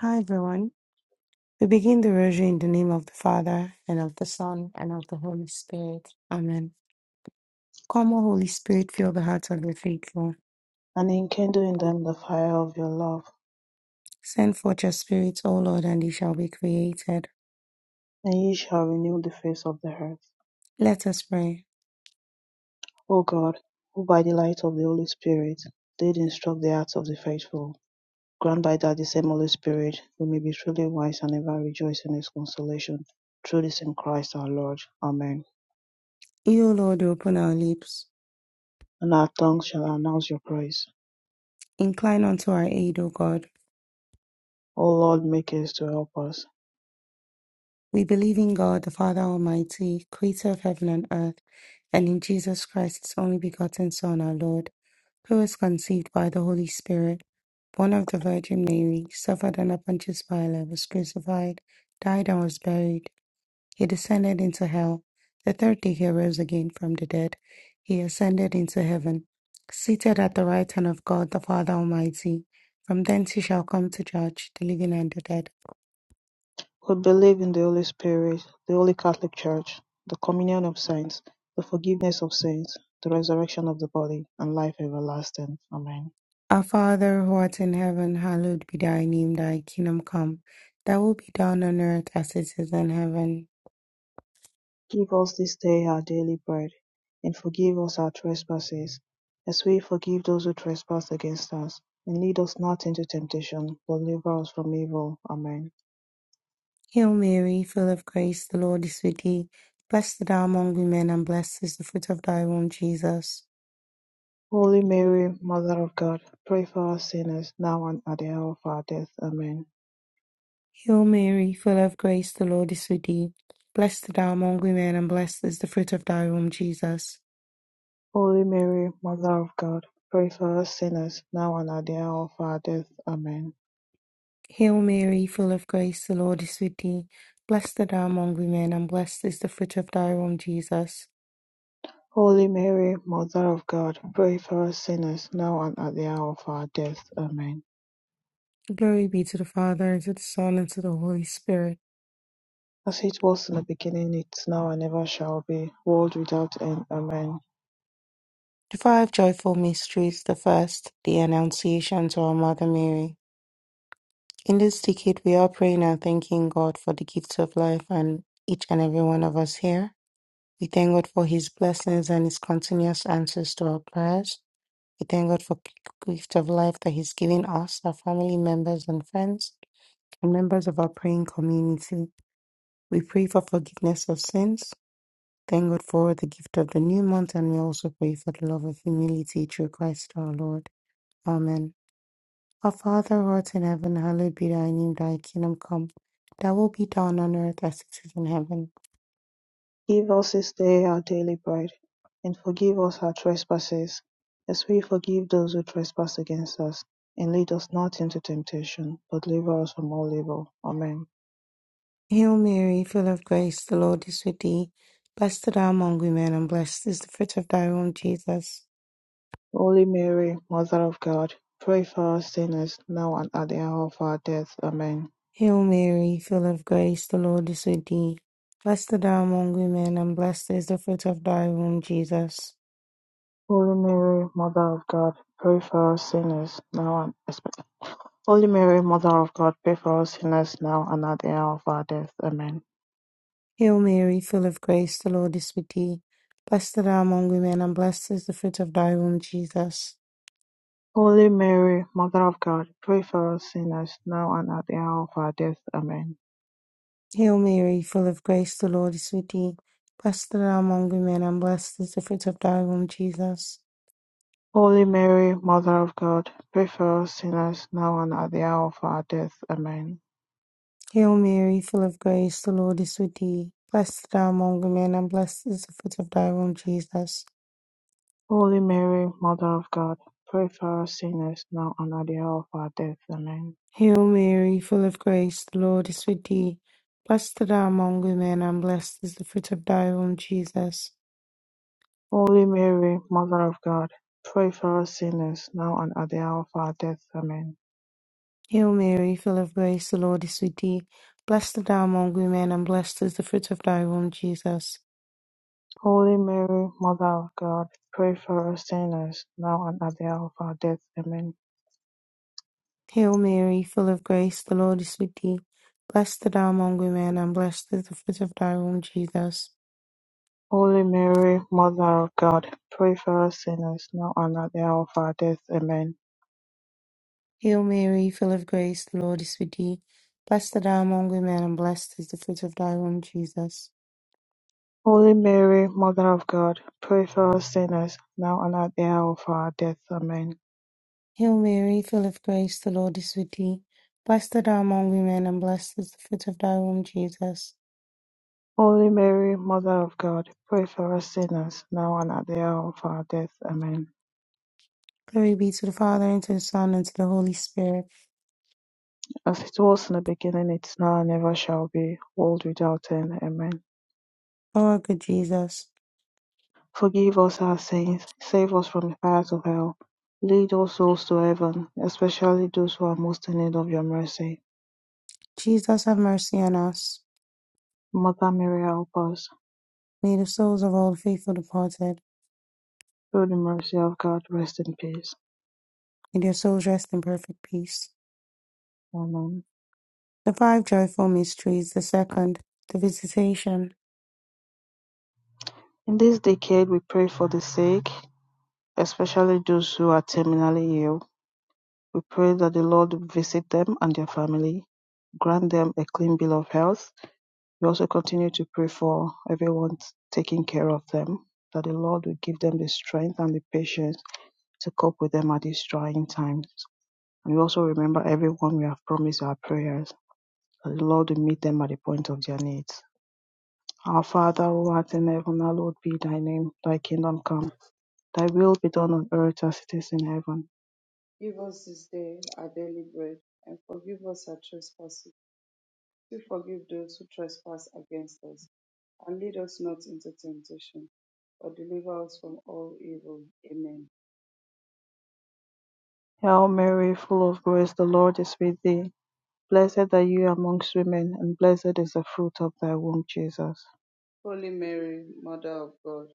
Hi, everyone. We begin the Rosary in the name of the Father, and of the Son, and of the Holy Spirit. Amen. Come, O Holy Spirit, fill the hearts of the faithful. and enkindle in them the fire of your love, Send forth your Spirit, O Lord, and they shall be created. and ye shall renew the face of the earth. Let us pray. O God, who by the light of the Holy Spirit did instruct the hearts of the faithful, grant by that the same Holy Spirit we may be truly wise and ever rejoice in his consolation. Through this in Christ our Lord. Amen. You, O Lord, open our lips. And our tongues shall announce your praise. Incline unto our aid, O God. O Lord, make haste to help us. We believe in God, the Father Almighty, creator of heaven and earth, and in Jesus Christ, his only begotten Son, our Lord, who was conceived by the Holy Spirit, born of the Virgin Mary, suffered under Pontius Pilate, was crucified, died, and was buried. He descended into hell. The third day he rose again from the dead. He ascended into heaven, seated at the right hand of God, the Father Almighty. From thence he shall come to judge the living and the dead. We believe in the Holy Spirit, the Holy Catholic Church, the communion of saints, the forgiveness of sins, the resurrection of the body, and life everlasting. Amen. Our Father who art in heaven, hallowed be thy name, thy kingdom come. Thy will be done on earth as it is in heaven. Give us this day our daily bread, and forgive us our trespasses, as we forgive those who trespass against us. And lead us not into temptation, but deliver us from evil. Amen. Hail Mary, full of grace, the Lord is with thee. Blessed thou among women, and blessed is the fruit of thy womb, Jesus. Holy Mary, Mother of God, pray for us sinners, now and at the hour of our death. Amen. Hail Mary, full of grace, the Lord is with thee. Blessed thou among women, and blessed is the fruit of thy womb, Jesus. Holy Mary, Mother of God, pray for us sinners, now and at the hour of our death. Amen. Hail Mary, full of grace, the Lord is with thee. Blessed thou among women, and blessed is the fruit of thy womb, Jesus. Holy Mary, Mother of God, pray for us sinners, now and at the hour of our death. Amen. Glory be to the Father, and to the Son, and to the Holy Spirit. As it was in the beginning, it's now and ever shall be, world without end. Amen. The five joyful mysteries. The first, the Annunciation to our Mother Mary. In this decade, we are praying and thanking God for the gifts of life and each and every one of us here. We thank God for His blessings and His continuous answers to our prayers. We thank God for the gift of life that He's given us, our family members and friends, and members of our praying community. We pray for forgiveness of sins. Thank God for the gift of the new month, and we also pray for the love of humility through Christ our Lord. Amen. Our Father who art in heaven, hallowed be thy name, thy kingdom come. Thy will be done on earth as it is in heaven. Give us this day our daily bread, and forgive us our trespasses, as we forgive those who trespass against us. And lead us not into temptation, but deliver us from all evil. Amen. Hail Mary, full of grace, the Lord is with thee. Blessed art thou among women, and blessed is the fruit of thy womb, Jesus. Holy Mary, Mother of God, pray for us sinners, now and at the hour of our death. Amen. Hail Mary, full of grace, the Lord is with thee. Blessed art thou among women, and blessed is the fruit of thy womb, Jesus. Holy Mary, Mother of God, pray for us sinners, now and espe- Holy Mary, Mother of God, pray for us sinners, now and at the hour of our death. Amen. Hail Mary, full of grace, the Lord is with thee. Blessed art thou among women, and blessed is the fruit of thy womb, Jesus. Holy Mary, Mother of God, pray for us sinners, now and at the hour of our death. Amen. Hail Mary, full of grace, the Lord is with thee. Blessed art thou among women, and blessed is the fruit of thy womb, Jesus. Holy Mary, Mother of God, pray for us sinners, now and at the hour of our death. Amen. Hail Mary, full of grace, the Lord is with thee. Blessed art thou among women, and blessed is the fruit of thy womb, Jesus. Holy Mary, Mother of God, pray for us sinners now and at the hour of our death. Amen. Hail Mary, full of grace, the Lord is with thee. Blessed art thou among women, and blessed is the fruit of thy womb, Jesus. Holy Mary, Mother of God, pray for us sinners now and at the hour of our death. Amen. Hail Mary, full of grace, the Lord is with thee. Blessed art thou among women, and blessed is the fruit of thy womb, Jesus. Holy Mary, Mother of God, pray for us sinners now and at the hour of our death. Amen. Hail Mary, full of grace, the Lord is with thee. Blessed art thou among women, and blessed is the fruit of thy womb, Jesus. Holy Mary, Mother of God, pray for us sinners now and at the hour of our death. Amen. Hail Mary, full of grace, the Lord is with thee. Blessed art thou among women, and blessed is the fruit of thy womb, Jesus. Holy Mary, Mother of God, pray for us sinners now and at the hour of our death. Amen. Hail Mary, full of grace, the Lord is with thee. Blessed art thou among women, and blessed is the fruit of thy womb, Jesus. Holy Mary, Mother of God, pray for us sinners, now and at the hour of our death. Amen. Glory be to the Father, and to the Son, and to the Holy Spirit As it was in the beginning, it is now, and ever shall be, world without end. Amen. O our good Jesus, Forgive us our sins, save us from the fires of hell, lead all souls to heaven, especially those who are most in need of your mercy. Jesus have mercy on us. Mother Mary, help us. May the souls of all the faithful departed, Through the mercy of God, rest in peace. may their souls rest in perfect peace. Amen. The five joyful mysteries, the second, the visitation. In this decade, we pray for the sick, especially those who are terminally ill We pray that the Lord visit them and their family, grant them a clean bill of health. We also continue to pray for everyone taking care of them, that the Lord will give them the strength and the patience to cope with them at these trying times. And we also remember everyone we have promised our prayers, that the Lord will meet them at the point of their needs. Our Father who art in heaven, hallowed be thy name, thy kingdom come, thy will be done on earth as it is in heaven. Give us this day our daily bread, and forgive us our trespasses, we forgive those who trespass against us. And lead us not into temptation, but deliver us from all evil. Amen. Hail Mary, full of grace, the Lord is with thee. Blessed are you amongst women, and blessed is the fruit of thy womb, Jesus. Holy Mary, Mother of God,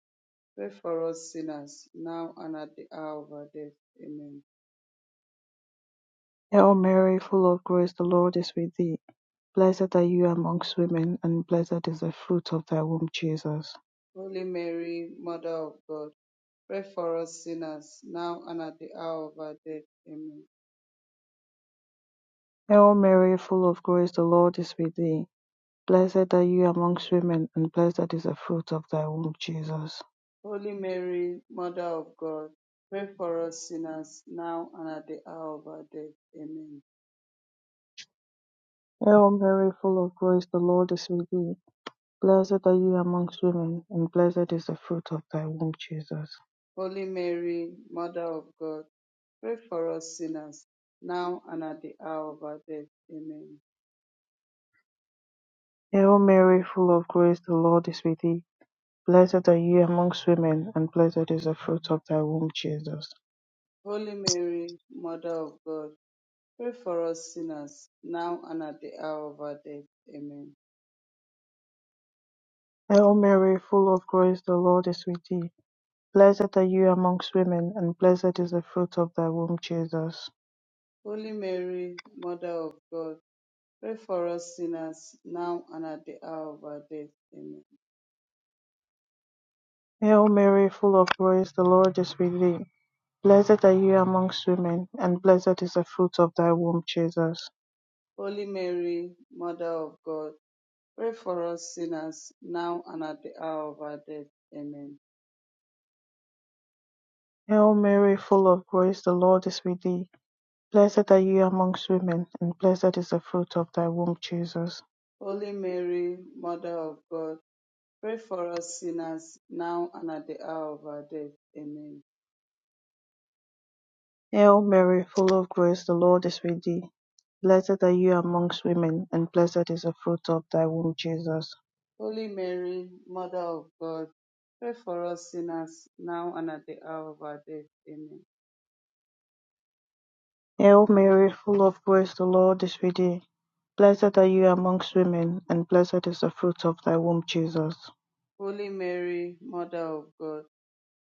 pray for us sinners, now and at the hour of our death. Amen. Hail Mary, full of grace, the Lord is with thee. Blessed are you amongst women, and blessed is the fruit of thy womb, Jesus. Holy Mary, Mother of God, pray for us sinners, now and at the hour of our death. Amen. Hail Mary, full of grace, the Lord is with thee. Blessed are you amongst women, and blessed is the fruit of thy womb, Jesus. Holy Mary, Mother of God, pray for us sinners now and at the hour of our death. Amen. Hail Mary, full of grace, the Lord is with thee. Blessed are you amongst women, and blessed is the fruit of thy womb, Jesus. Holy Mary, Mother of God, pray for us sinners now and at the hour of our death. Amen. Hail Mary, full of grace, the Lord is with thee. Blessed are you amongst women, and blessed is the fruit of thy womb, Jesus. Holy Mary, Mother of God, pray for us sinners now and at the hour of our death. Amen. Hail Mary, full of grace, the Lord is with thee. Blessed are you amongst women, and blessed is the fruit of thy womb, Jesus. Holy Mary, Mother of God, pray for us sinners now and at the hour of our death. Amen. Hail Mary, full of grace, the Lord is with thee. Blessed are you amongst women, and blessed is the fruit of thy womb, Jesus. Holy Mary, Mother of God, Pray for us sinners, now and at the hour of our death. Amen. Hail Mary, full of grace, the Lord is with thee. Blessed are you amongst women, and blessed is the fruit of thy womb, Jesus. Holy Mary, Mother of God, pray for us sinners, now and at the hour of our death. Amen. Hail Mary, full of grace, the Lord is with thee. Blessed are you amongst women, and blessed is the fruit of thy womb, Jesus. Holy Mary, Mother of God, pray for us sinners, now and at the hour of our death. Amen. Hail Mary, full of grace, the Lord is with thee. Blessed are you amongst women, and blessed is the fruit of thy womb, Jesus. Holy Mary, Mother of God,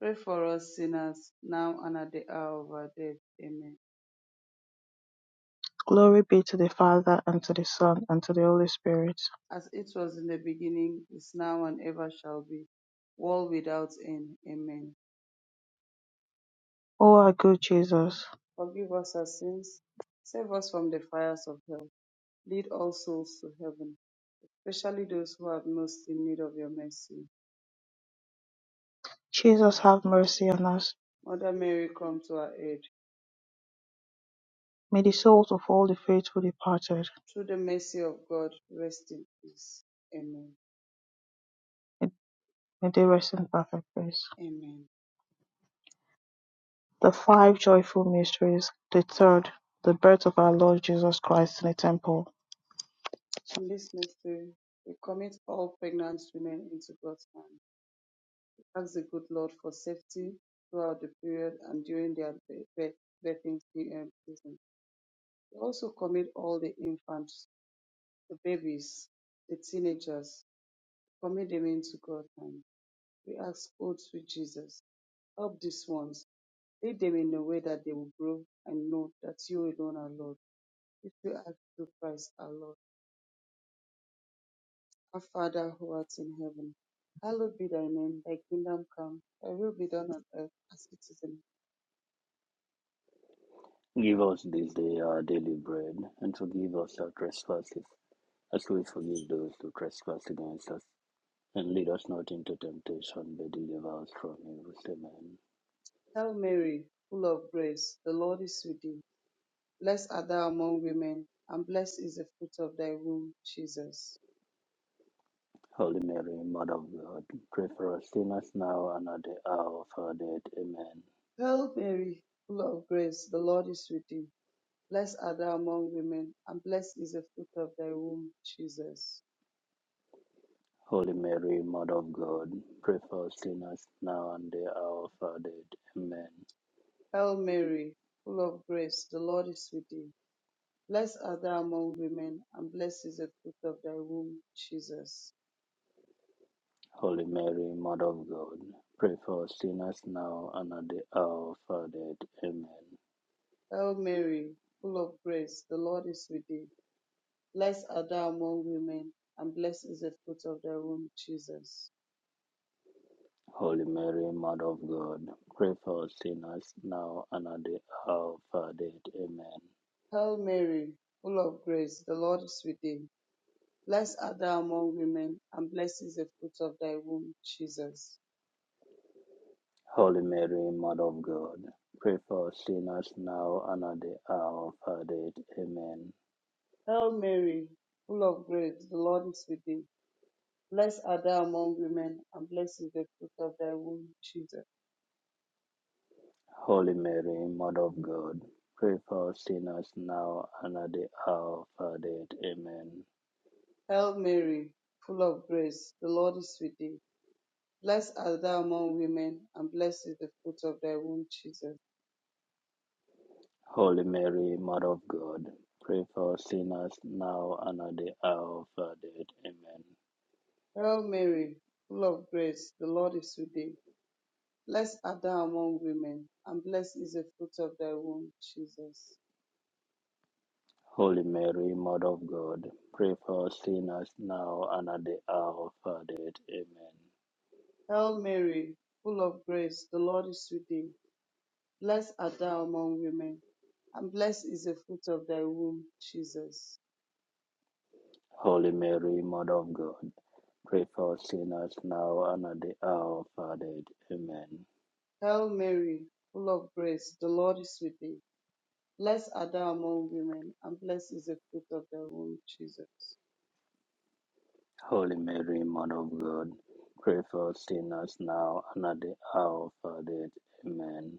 pray for us sinners, now and at the hour of our death. Amen. Glory be to the Father, and to the Son, and to the Holy Spirit. As it was in the beginning, is now, and ever shall be, world without end. Amen. O our good Jesus, Forgive us our sins. Save us from the fires of hell. Lead all souls to heaven, especially those who have most in need of your mercy. Jesus, have mercy on us. Mother Mary, come to our aid. May the souls of all the faithful departed, Through the mercy of God, rest in peace. Amen. may they rest in perfect peace. Amen. The five joyful mysteries. The third, the birth of our Lord Jesus Christ in the temple. In this mystery, we commit all pregnant women into God's hand. We ask the good Lord for safety throughout the period and during their be- be- birthing um, season. We also commit all the infants, the babies, the teenagers, Commit them into God's hand. We ask, O sweet Jesus, help these ones. Lead them in a way that they will grow and know that you alone are Lord. If you ask through Christ our Lord, our Father who art in heaven, hallowed be thy name, thy kingdom come, thy will be done on earth as it is in Give us this day our daily bread, and forgive us our trespasses, as we forgive those who trespass against us. And lead us not into temptation, but deliver us from evil. Amen. heaven. Hail Mary, full of grace, the Lord is with thee. Blessed art thou among women, and blessed is the fruit of thy womb, Jesus. Holy Mary, Mother of God, pray for us sinners now and at the hour of our death. Amen. Hail Mary, full of grace, the Lord is with thee. Blessed art thou among women, and blessed is the fruit of thy womb, Jesus. Holy Mary, Mother of God, pray for us sinners now and the hour of our death. Amen. Hail Mary, full of grace, the Lord is with thee. Blessed art thou among women, and blessed is the fruit of thy womb, Jesus. Holy Mary, Mother of God, pray for us sinners now and at the hour of our death. Amen. Hail Mary, full of grace, the Lord is with thee. Blessed art thou among women, and blessed is the fruit of thy womb, Jesus. Holy Mary, Mother of God, pray for us sinners now and at the hour of our death. Amen. Hail Mary, full of grace, the Lord is with thee. Blessed art thou among women, and blessed is the fruit of thy womb, Jesus. Holy Mary, Mother of God, pray for us sinners now and at the hour of our death. Amen. Hail Mary, full of grace, the Lord is with thee. Blessed art thou among women, and blessed is the fruit of thy womb, Jesus. Holy Mary, Mother of God, pray for us sinners now and at the hour of our death. Amen. Hail Mary, full of grace, the Lord is with thee. Blessed art thou among women, and blessed is the fruit of thy womb, Jesus. Holy Mary, Mother of God, pray for us sinners now and at the hour of our death. Amen. Hail Mary, full of grace, the Lord is with thee. Blessed art thou among women, and blessed is the fruit of thy womb, Jesus. Holy Mary, Mother of God, pray for us sinners now and at the hour of our death. Amen. Hail Mary, full of grace, the Lord is with thee. Blessed art thou among women, and blessed is the fruit of thy womb, Jesus. Holy Mary, Mother of God, pray for us sinners now and at the hour of our death. Amen. Hail Mary, full of grace, the Lord is with thee. Blessed art thou among women, and blessed is the fruit of thy womb, Jesus. Holy Mary, Mother of God, pray for us sinners now and at the hour of our death. Amen.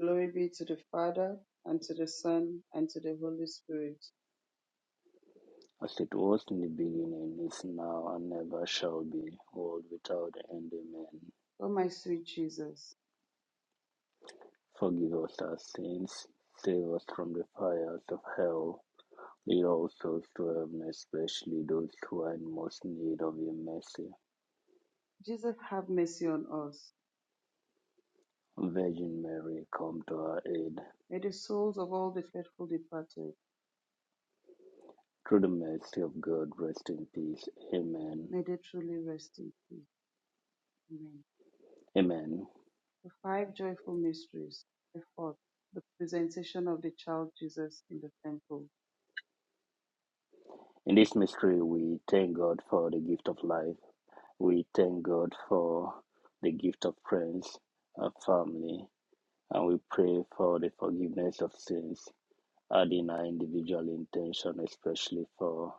Glory be to the Father, and to the Son, and to the Holy Spirit. As it was in the beginning, is now, and ever shall be, world without end. Amen. O my sweet Jesus, Forgive us our sins, save us from the fires of hell Lead also souls especially those who are in most need of your mercy. Jesus, have mercy on us. Virgin Mary, come to our aid. May the souls of all the faithful departed, Through the mercy of God, rest in peace. Amen. may they truly rest in peace. Amen. Amen. The five joyful mysteries, by the presentation of the Child Jesus in the temple. In this mystery, we thank God for the gift of life. We thank God for the gift of friends, our family, and we pray for the forgiveness of sins, adding our individual intention, especially for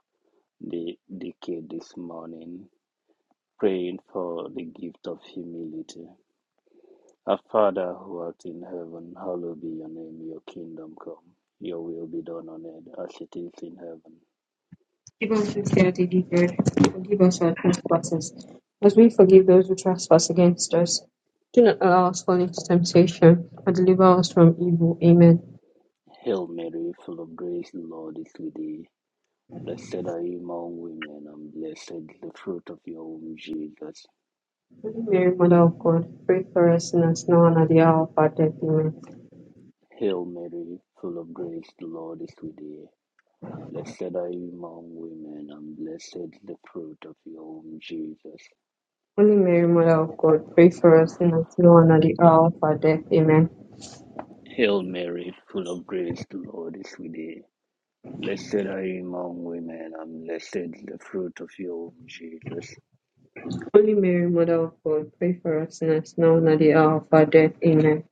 the decade this morning. praying for the gift of humility. Our Father who art in heaven, hallowed be your name, your kingdom come, your will be done on earth as it is in heaven. Give us this day our daily bread, and forgive us our trespasses, as we forgive those who trespass against us. Do not allow us to fall into temptation, but deliver us from evil. Amen. Hail Mary, full of grace, the Lord is with thee. Blessed are you among women, and blessed is the fruit of your womb, Jesus. Holy Mary, Mother of God, pray for us sinners now and at the hour of our death. Amen. Hail Mary, full of grace, the Lord is with thee. Blessed are you among women, and blessed is the fruit of your womb, Jesus. Holy Mary, Mother of God, pray for us sinners now and at the hour of our death. Amen. Hail Mary, full of grace, the Lord is with thee. Blessed are you among women, and blessed is the fruit of your womb, Jesus. Holy Mary, Mother of God, pray for us sinners now and at the hour of our death. Amen.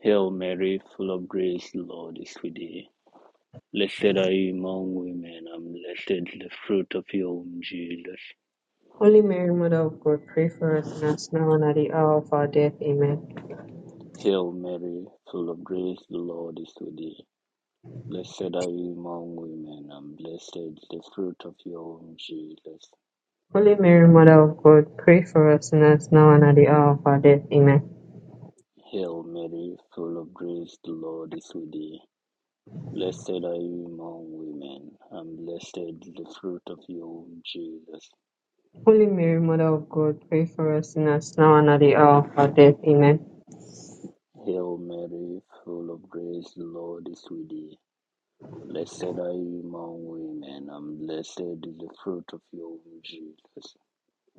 Hail Mary, full of grace, the Lord is with thee. Blessed are you among women, and blessed is the fruit of your womb, Jesus. Holy Mary, Mother of God, pray for us sinners now and at the hour of our death. Amen. Hail Mary, full of grace, the Lord is with thee. Blessed are you among women, and blessed is the fruit of your womb, Jesus. Holy Mary, Mother of God, pray for us sinners now and at the hour of our death. Amen. Hail Mary, full of grace, the Lord is with thee. Blessed are you among women, and blessed is the fruit of your womb, Jesus. Holy Mary, Mother of God, pray for us sinners now and at the hour of our death. Amen. Hail Mary, full of grace, the Lord is with thee. Blessed are you among women, and blessed is the fruit of your womb, Jesus.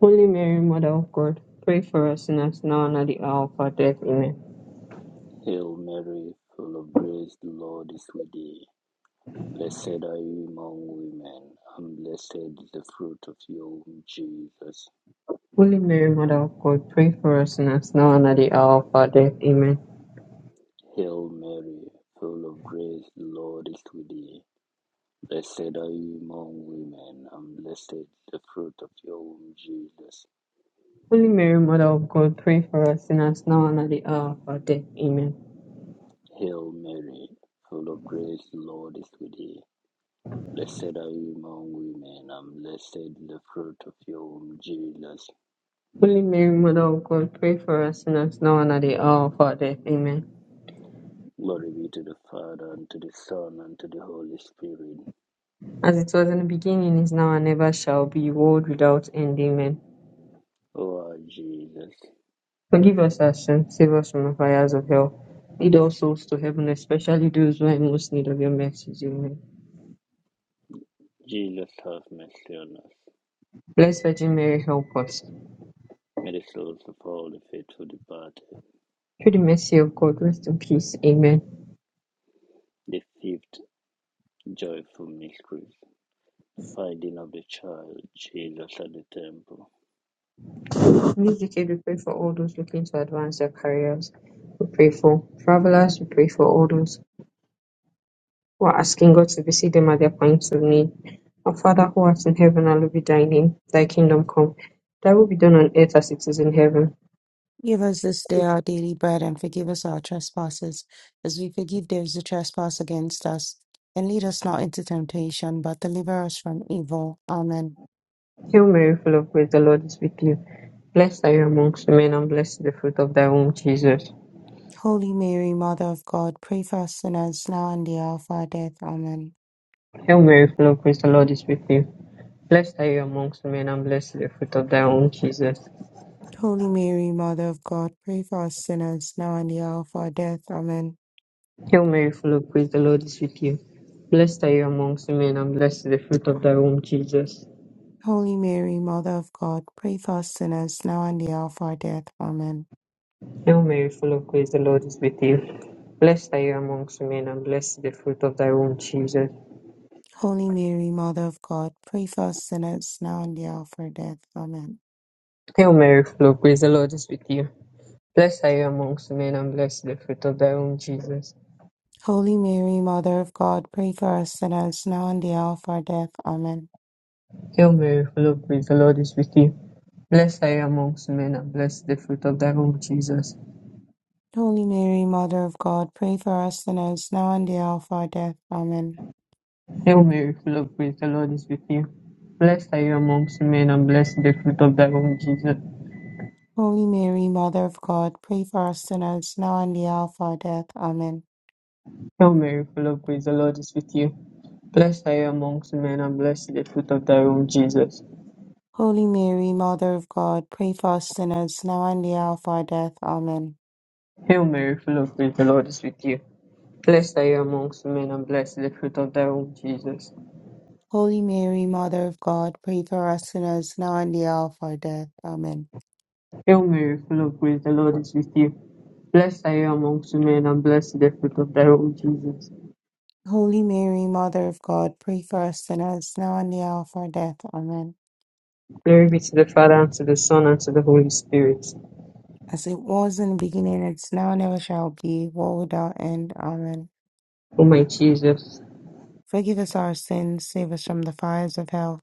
Holy Mary, Mother of God, pray for us sinners now and at the hour of our death. Amen. Hail Mary, full of grace, the Lord is with thee. Blessed are you among women, and blessed is the fruit of your womb, Jesus. Holy Mary, Mother of God, pray for us sinners now and at the hour of our death. Amen. Hail Mary, full of grace, the Lord is with thee. Blessed are you among women, and blessed is the fruit of your womb, Jesus. Holy Mary, Mother of God, pray for us sinners now and at the hour of our death. Amen. Hail Mary, full of grace, the Lord is with thee. Blessed are you among women, and blessed is the fruit of your womb, Jesus. Holy Mary, Mother of God, pray for us sinners now and at the hour of our death. Amen. Glory be to the Father, and to the Son, and to the Holy Spirit. As it was in the beginning, is now, and ever shall be, world without end. Amen. O our Jesus, Forgive us our sins, save us from the fires of hell. Lead all souls to heaven, especially those who are in most need of your mercies. Amen. Jesus, have mercy on us. Blessed Virgin Mary, help us. May the souls of all the faithful departed, Through the mercy of God, rest in peace. Amen. the fifth joyful mystery, the finding of the child Jesus at the temple. In this decade, we pray for all those looking to advance their careers. We pray for travelers. We pray for all those who are asking God to visit them at their point of need. Our Father who art in heaven, hallowed be thy name. Thy kingdom come. Thy will be done on earth as it is in heaven. Give us this day our daily bread and forgive us our trespasses, as we forgive those who trespass against us. And lead us not into temptation, but deliver us from evil. Amen. Hail Mary, full of grace, the Lord is with you. Blessed are you amongst women, and blessed is the fruit of thy womb, Jesus. Holy Mary, Mother of God, pray for us sinners now and the hour of our death. Amen. Hail Mary, full of grace, the Lord is with you. Blessed are you amongst women, and blessed is the fruit of thy womb, Jesus. Holy Mary, Mother of God, pray for us sinners, now and the hour of our death. Amen. Hail Mary, full of grace, the Lord is with you. Blessed are you amongst women, and blessed is the fruit of thy womb, Jesus. Holy Mary, Mother of God, pray for us sinners, now and the hour of our death. Amen. Hail Mary, full of grace, the Lord is with you. Blessed are you amongst women, and blessed is the fruit of thy womb, Jesus. Holy Mary, Mother of God, pray for us sinners, now and the hour of our death. Amen. Hail Mary, full of grace, the Lord is with you. Blessed are you amongst women, and blessed is the fruit of thy womb, Jesus. Holy Mary, Mother of God, pray for us sinners, now and the hour of our death. Amen. Hail Mary, full of grace, the Lord is with you. Blessed are you amongst women, and blessed is the fruit of thy womb, Jesus. Holy Mary, Mother of God, pray for us sinners, now and the hour of our death. Amen. Hail Mary, full of grace, the Lord is with you. Blessed are you amongst women, and blessed is the fruit of thy womb, Jesus. Holy Mary, Mother of God, pray for us sinners, now and the hour of our death. Amen. Hail Mary, full of grace, the Lord is with you. Blessed are you amongst women, and blessed is the fruit of thy womb, Jesus. Holy Mary, Mother of God, pray for us sinners, now and the hour of our death. Amen. Hail Mary, full of grace, the Lord is with you. Blessed are you amongst men, and blessed is the fruit of thy womb, Jesus. Holy Mary, Mother of God, pray for us sinners, now and the hour of our death. Amen. Hail Mary, full of grace, the Lord is with you. Blessed are you amongst men, and blessed is the fruit of thy womb, Jesus. Holy Mary, Mother of God, pray for us sinners, now and the hour of our death. Amen. Glory be to the Father, and to the Son, and to the Holy Spirit. As it was in the beginning, it's now and ever shall be, world without end. Amen. O my Jesus, Forgive us our sins, save us from the fires of hell.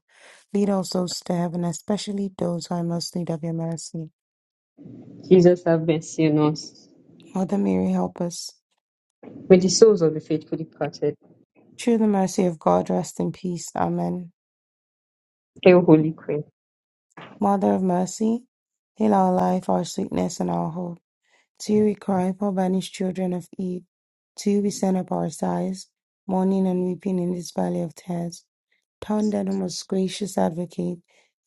Lead all souls to heaven, especially those who are in most need of your mercy. Jesus, have mercy on us. Mother Mary, help us. May the souls of the faithful departed, Through the mercy of God, rest in peace. Amen. Hail Holy Queen, Mother of mercy, hail our life, our sweetness, and our hope. To you we cry, poor banished children of Eve. To you we send up our sighs, mourning and weeping in this valley of tears. Turn then, O most gracious advocate,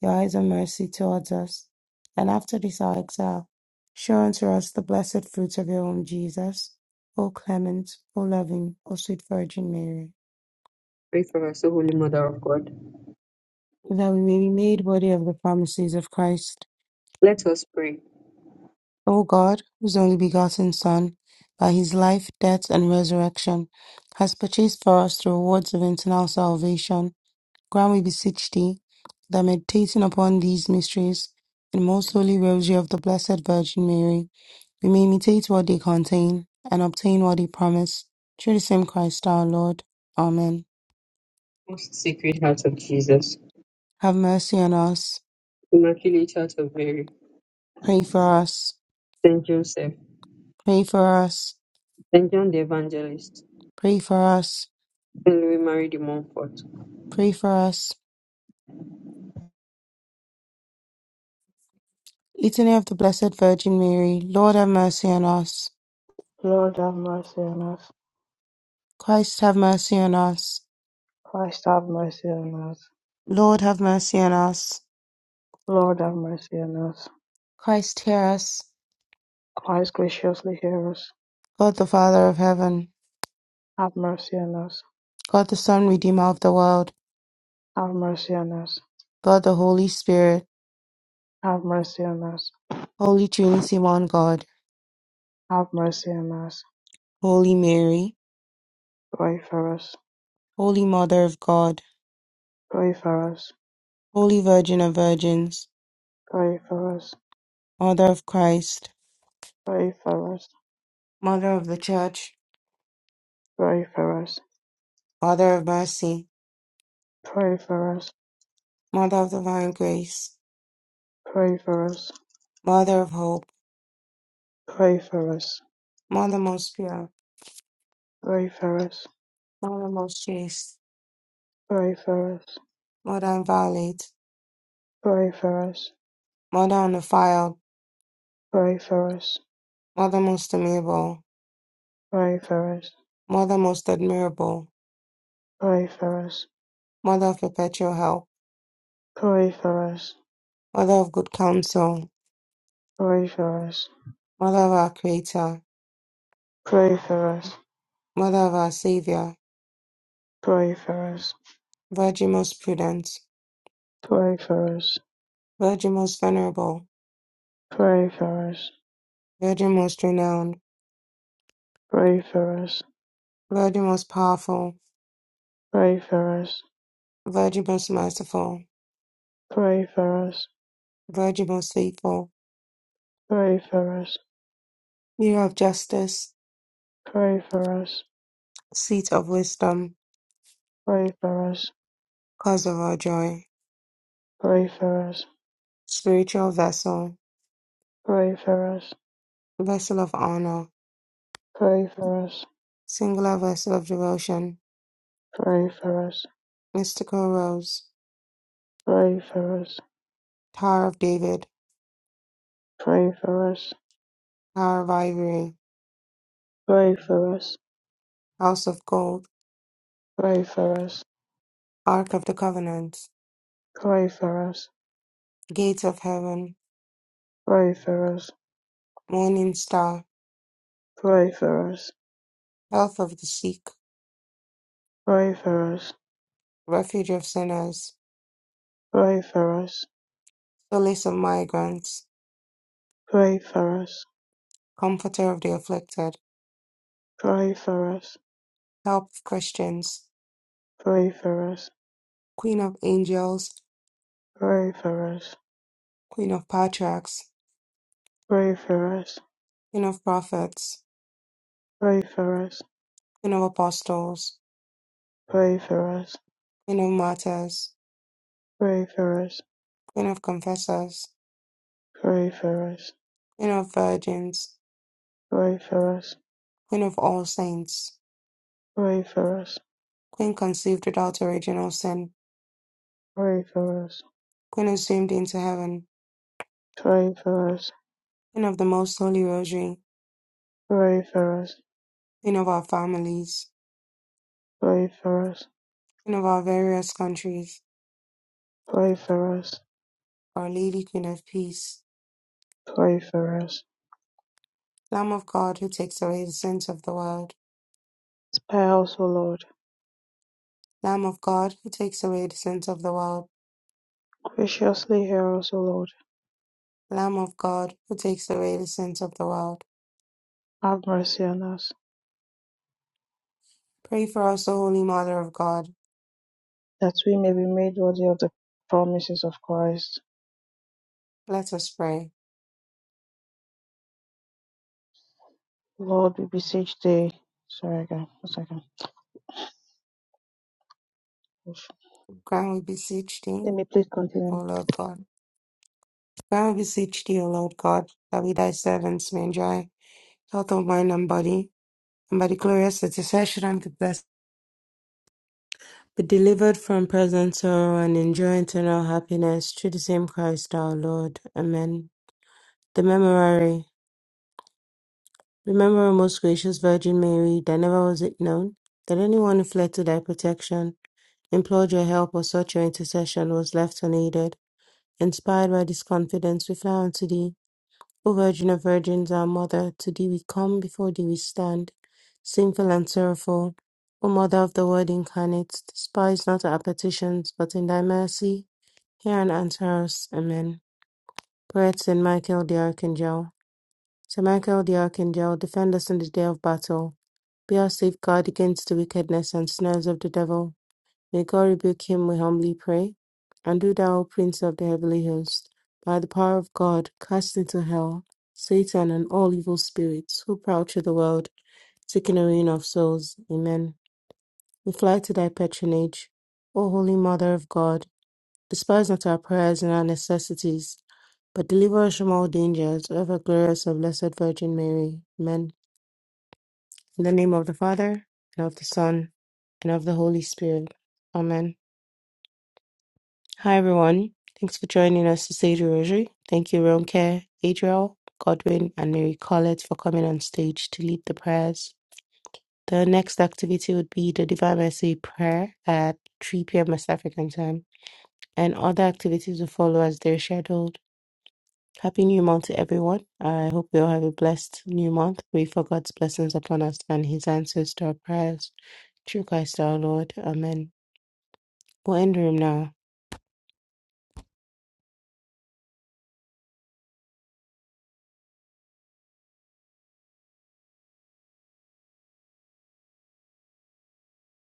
your eyes of mercy towards us, and after this our exile, show unto us the blessed fruits of your womb, Jesus. O clement, O loving, O sweet Virgin Mary, pray for us, O Holy Mother of God. that we may be made worthy of the promises of Christ. Let us pray. O God, whose only begotten Son, by his life, death, and resurrection, has purchased for us the rewards of eternal salvation, grant, we beseech thee, that meditating upon these mysteries in the most holy rosary of the Blessed Virgin Mary, we may imitate what they contain and obtain what they promise. Through the same Christ our Lord. Amen. Most Sacred Heart of Jesus, Have mercy on us. Immaculate Heart of Mary, Pray for us. Saint Joseph, Pray for us. Saint John the Evangelist, Pray for us. Saint Louis Marie de Montfort, Pray for us. Litany of the Blessed Virgin Mary, Lord have mercy on us. Lord have mercy on us. Christ have mercy on us. Christ have mercy on us. Lord have mercy on us. Lord have mercy on us. Christ hear us. Christ graciously hear us. God the Father of heaven, Have mercy on us. God the Son, Redeemer of the world, Have mercy on us. God the Holy Spirit, Have mercy on us. Holy Trinity, one God, Have mercy on us. Holy Mary, Pray for us. Holy Mother of God, Pray for us. Holy Virgin of Virgins, Pray for us. Mother of Christ, Pray for us. Mother of the Church, Pray for us. Mother of Mercy, Pray for us. Mother of Divine Grace, Pray for us. Mother of Hope, Pray for us. Mother most pure, Pray for us. Mother most chaste, Pray for us. Modern Violet, Porphyros, Mother Unified, Porphyros, Mother Most Amiable, Porphyros, Mother Most Admirable, Porphyros, Mother of Perpetual Help, Porphyros, Mother of Good Counsel, Porphyros, Mother of our Creator, Porphyros, Mother of our Savior, Porphyros, Virgin Most Prudent, Porphyros, Virgin Most Venerable, Porphyros, Virgin Most Renowned, Porphyros, Virgin Most Powerful, Porphyros, Virgin Most Merciful, Porphyros, Virgin Most Faithful, Porphyros, Porphyros, Porphyros, Porphyros, Porphyros, Porphyros, Mirror of Justice, Porphyros, Seat of Wisdom, Porphyros, Cause of our Joy, Spiritual Vessel, Vessel of Honor, Singular vessel of devotion, mystical rose, Tower of David, Porphyros, Tower of Ivory, Porphyros, House of Gold, Porphyros, Ark of the Covenant, Pray for us, Gates of Heaven, pray for us, Morning Star, pray for us, Health of the Sick, pray for us, Refuge of Sinners, pray for us, Solace of Migrants, pray for us, Comforter of the Afflicted, pray for us, Help of Christians, pray for us, Queen of Angels, pray for us, Queen of Patriarchs, pray for us, Queen of Prophets, pray for us, Queen of Apostles, pray for us, Queen of Martyrs, pray for us, pray for us, Queen of Confessors, pray for us, Queen of Virgins, pray for us, pray for us, Queen of all saints, pray for us, Queen conceived without original sin, pray for us, Queen assumed into heaven, pray for us, Queen of the most holy rosary, pray for Queen of our families, Queen of our various countries, us, Our Lady, Queen of peace, pray for us. Lamb of God who takes away the sins of the world, Spare us, O Lord, Lamb of God who takes away the sins of the world, graciously hear us, O Lord. Lamb of God who takes away the sins of the world. Have mercy on us, Pray for us, O Holy Mother of God. that we may be made worthy of the promises of Christ. Let us pray. Lord, we beseech thee. Sorry, again. One second. Grant we beseech thee, Let me please continue. O Lord God Now I beseech thee, O Lord God, that we thy servants may enjoy health of mind and body, and by the glorious intercession of the blessed, be delivered from present sorrow and enjoy eternal happiness through the same Christ our Lord. Amen. The Memorare. Remember, O most gracious Virgin Mary, that never was it known that anyone who fled to thy protection, implored your help, or sought your intercession was left unaided. Inspired by this confidence, we fly unto thee O Virgin of Virgins, our Mother, to thee we come, before thee we stand, sinful and sorrowful. O Mother of the Word incarnate, despise not our petitions, but in thy mercy hear and answer us. Amen. Prayer to Saint Michael the Archangel. Saint Michael the Archangel, defend us in the day of battle. Be our safeguard against the wickedness and snares of the devil. May God rebuke him, we humbly pray. And do thou, O Prince of the heavenly host, by the power of God, cast into hell Satan and all evil spirits who prowl through the world, seeking the ruin of souls. Amen. We fly to thy patronage. O Holy Mother of God, despise not our prayers and our necessities, but deliver us from all dangers, O ever glorious of Blessed Virgin Mary. Amen. In the name of the Father, and of the Son, and of the Holy Spirit. Amen. Hi, everyone. Thanks for joining us to say the rosary. Thank you, Ronke, Adriel, Godwin, and Mary Collett for coming on stage to lead the prayers. The next activity would be the Divine Mercy Prayer at 3 p.m. West African time, and other activities will follow as they're scheduled. Happy New Month to everyone. I hope you all have a blessed new month. Pray for God's blessings upon us and His answers to our prayers. Through Christ our Lord. Amen. We'll end the room now.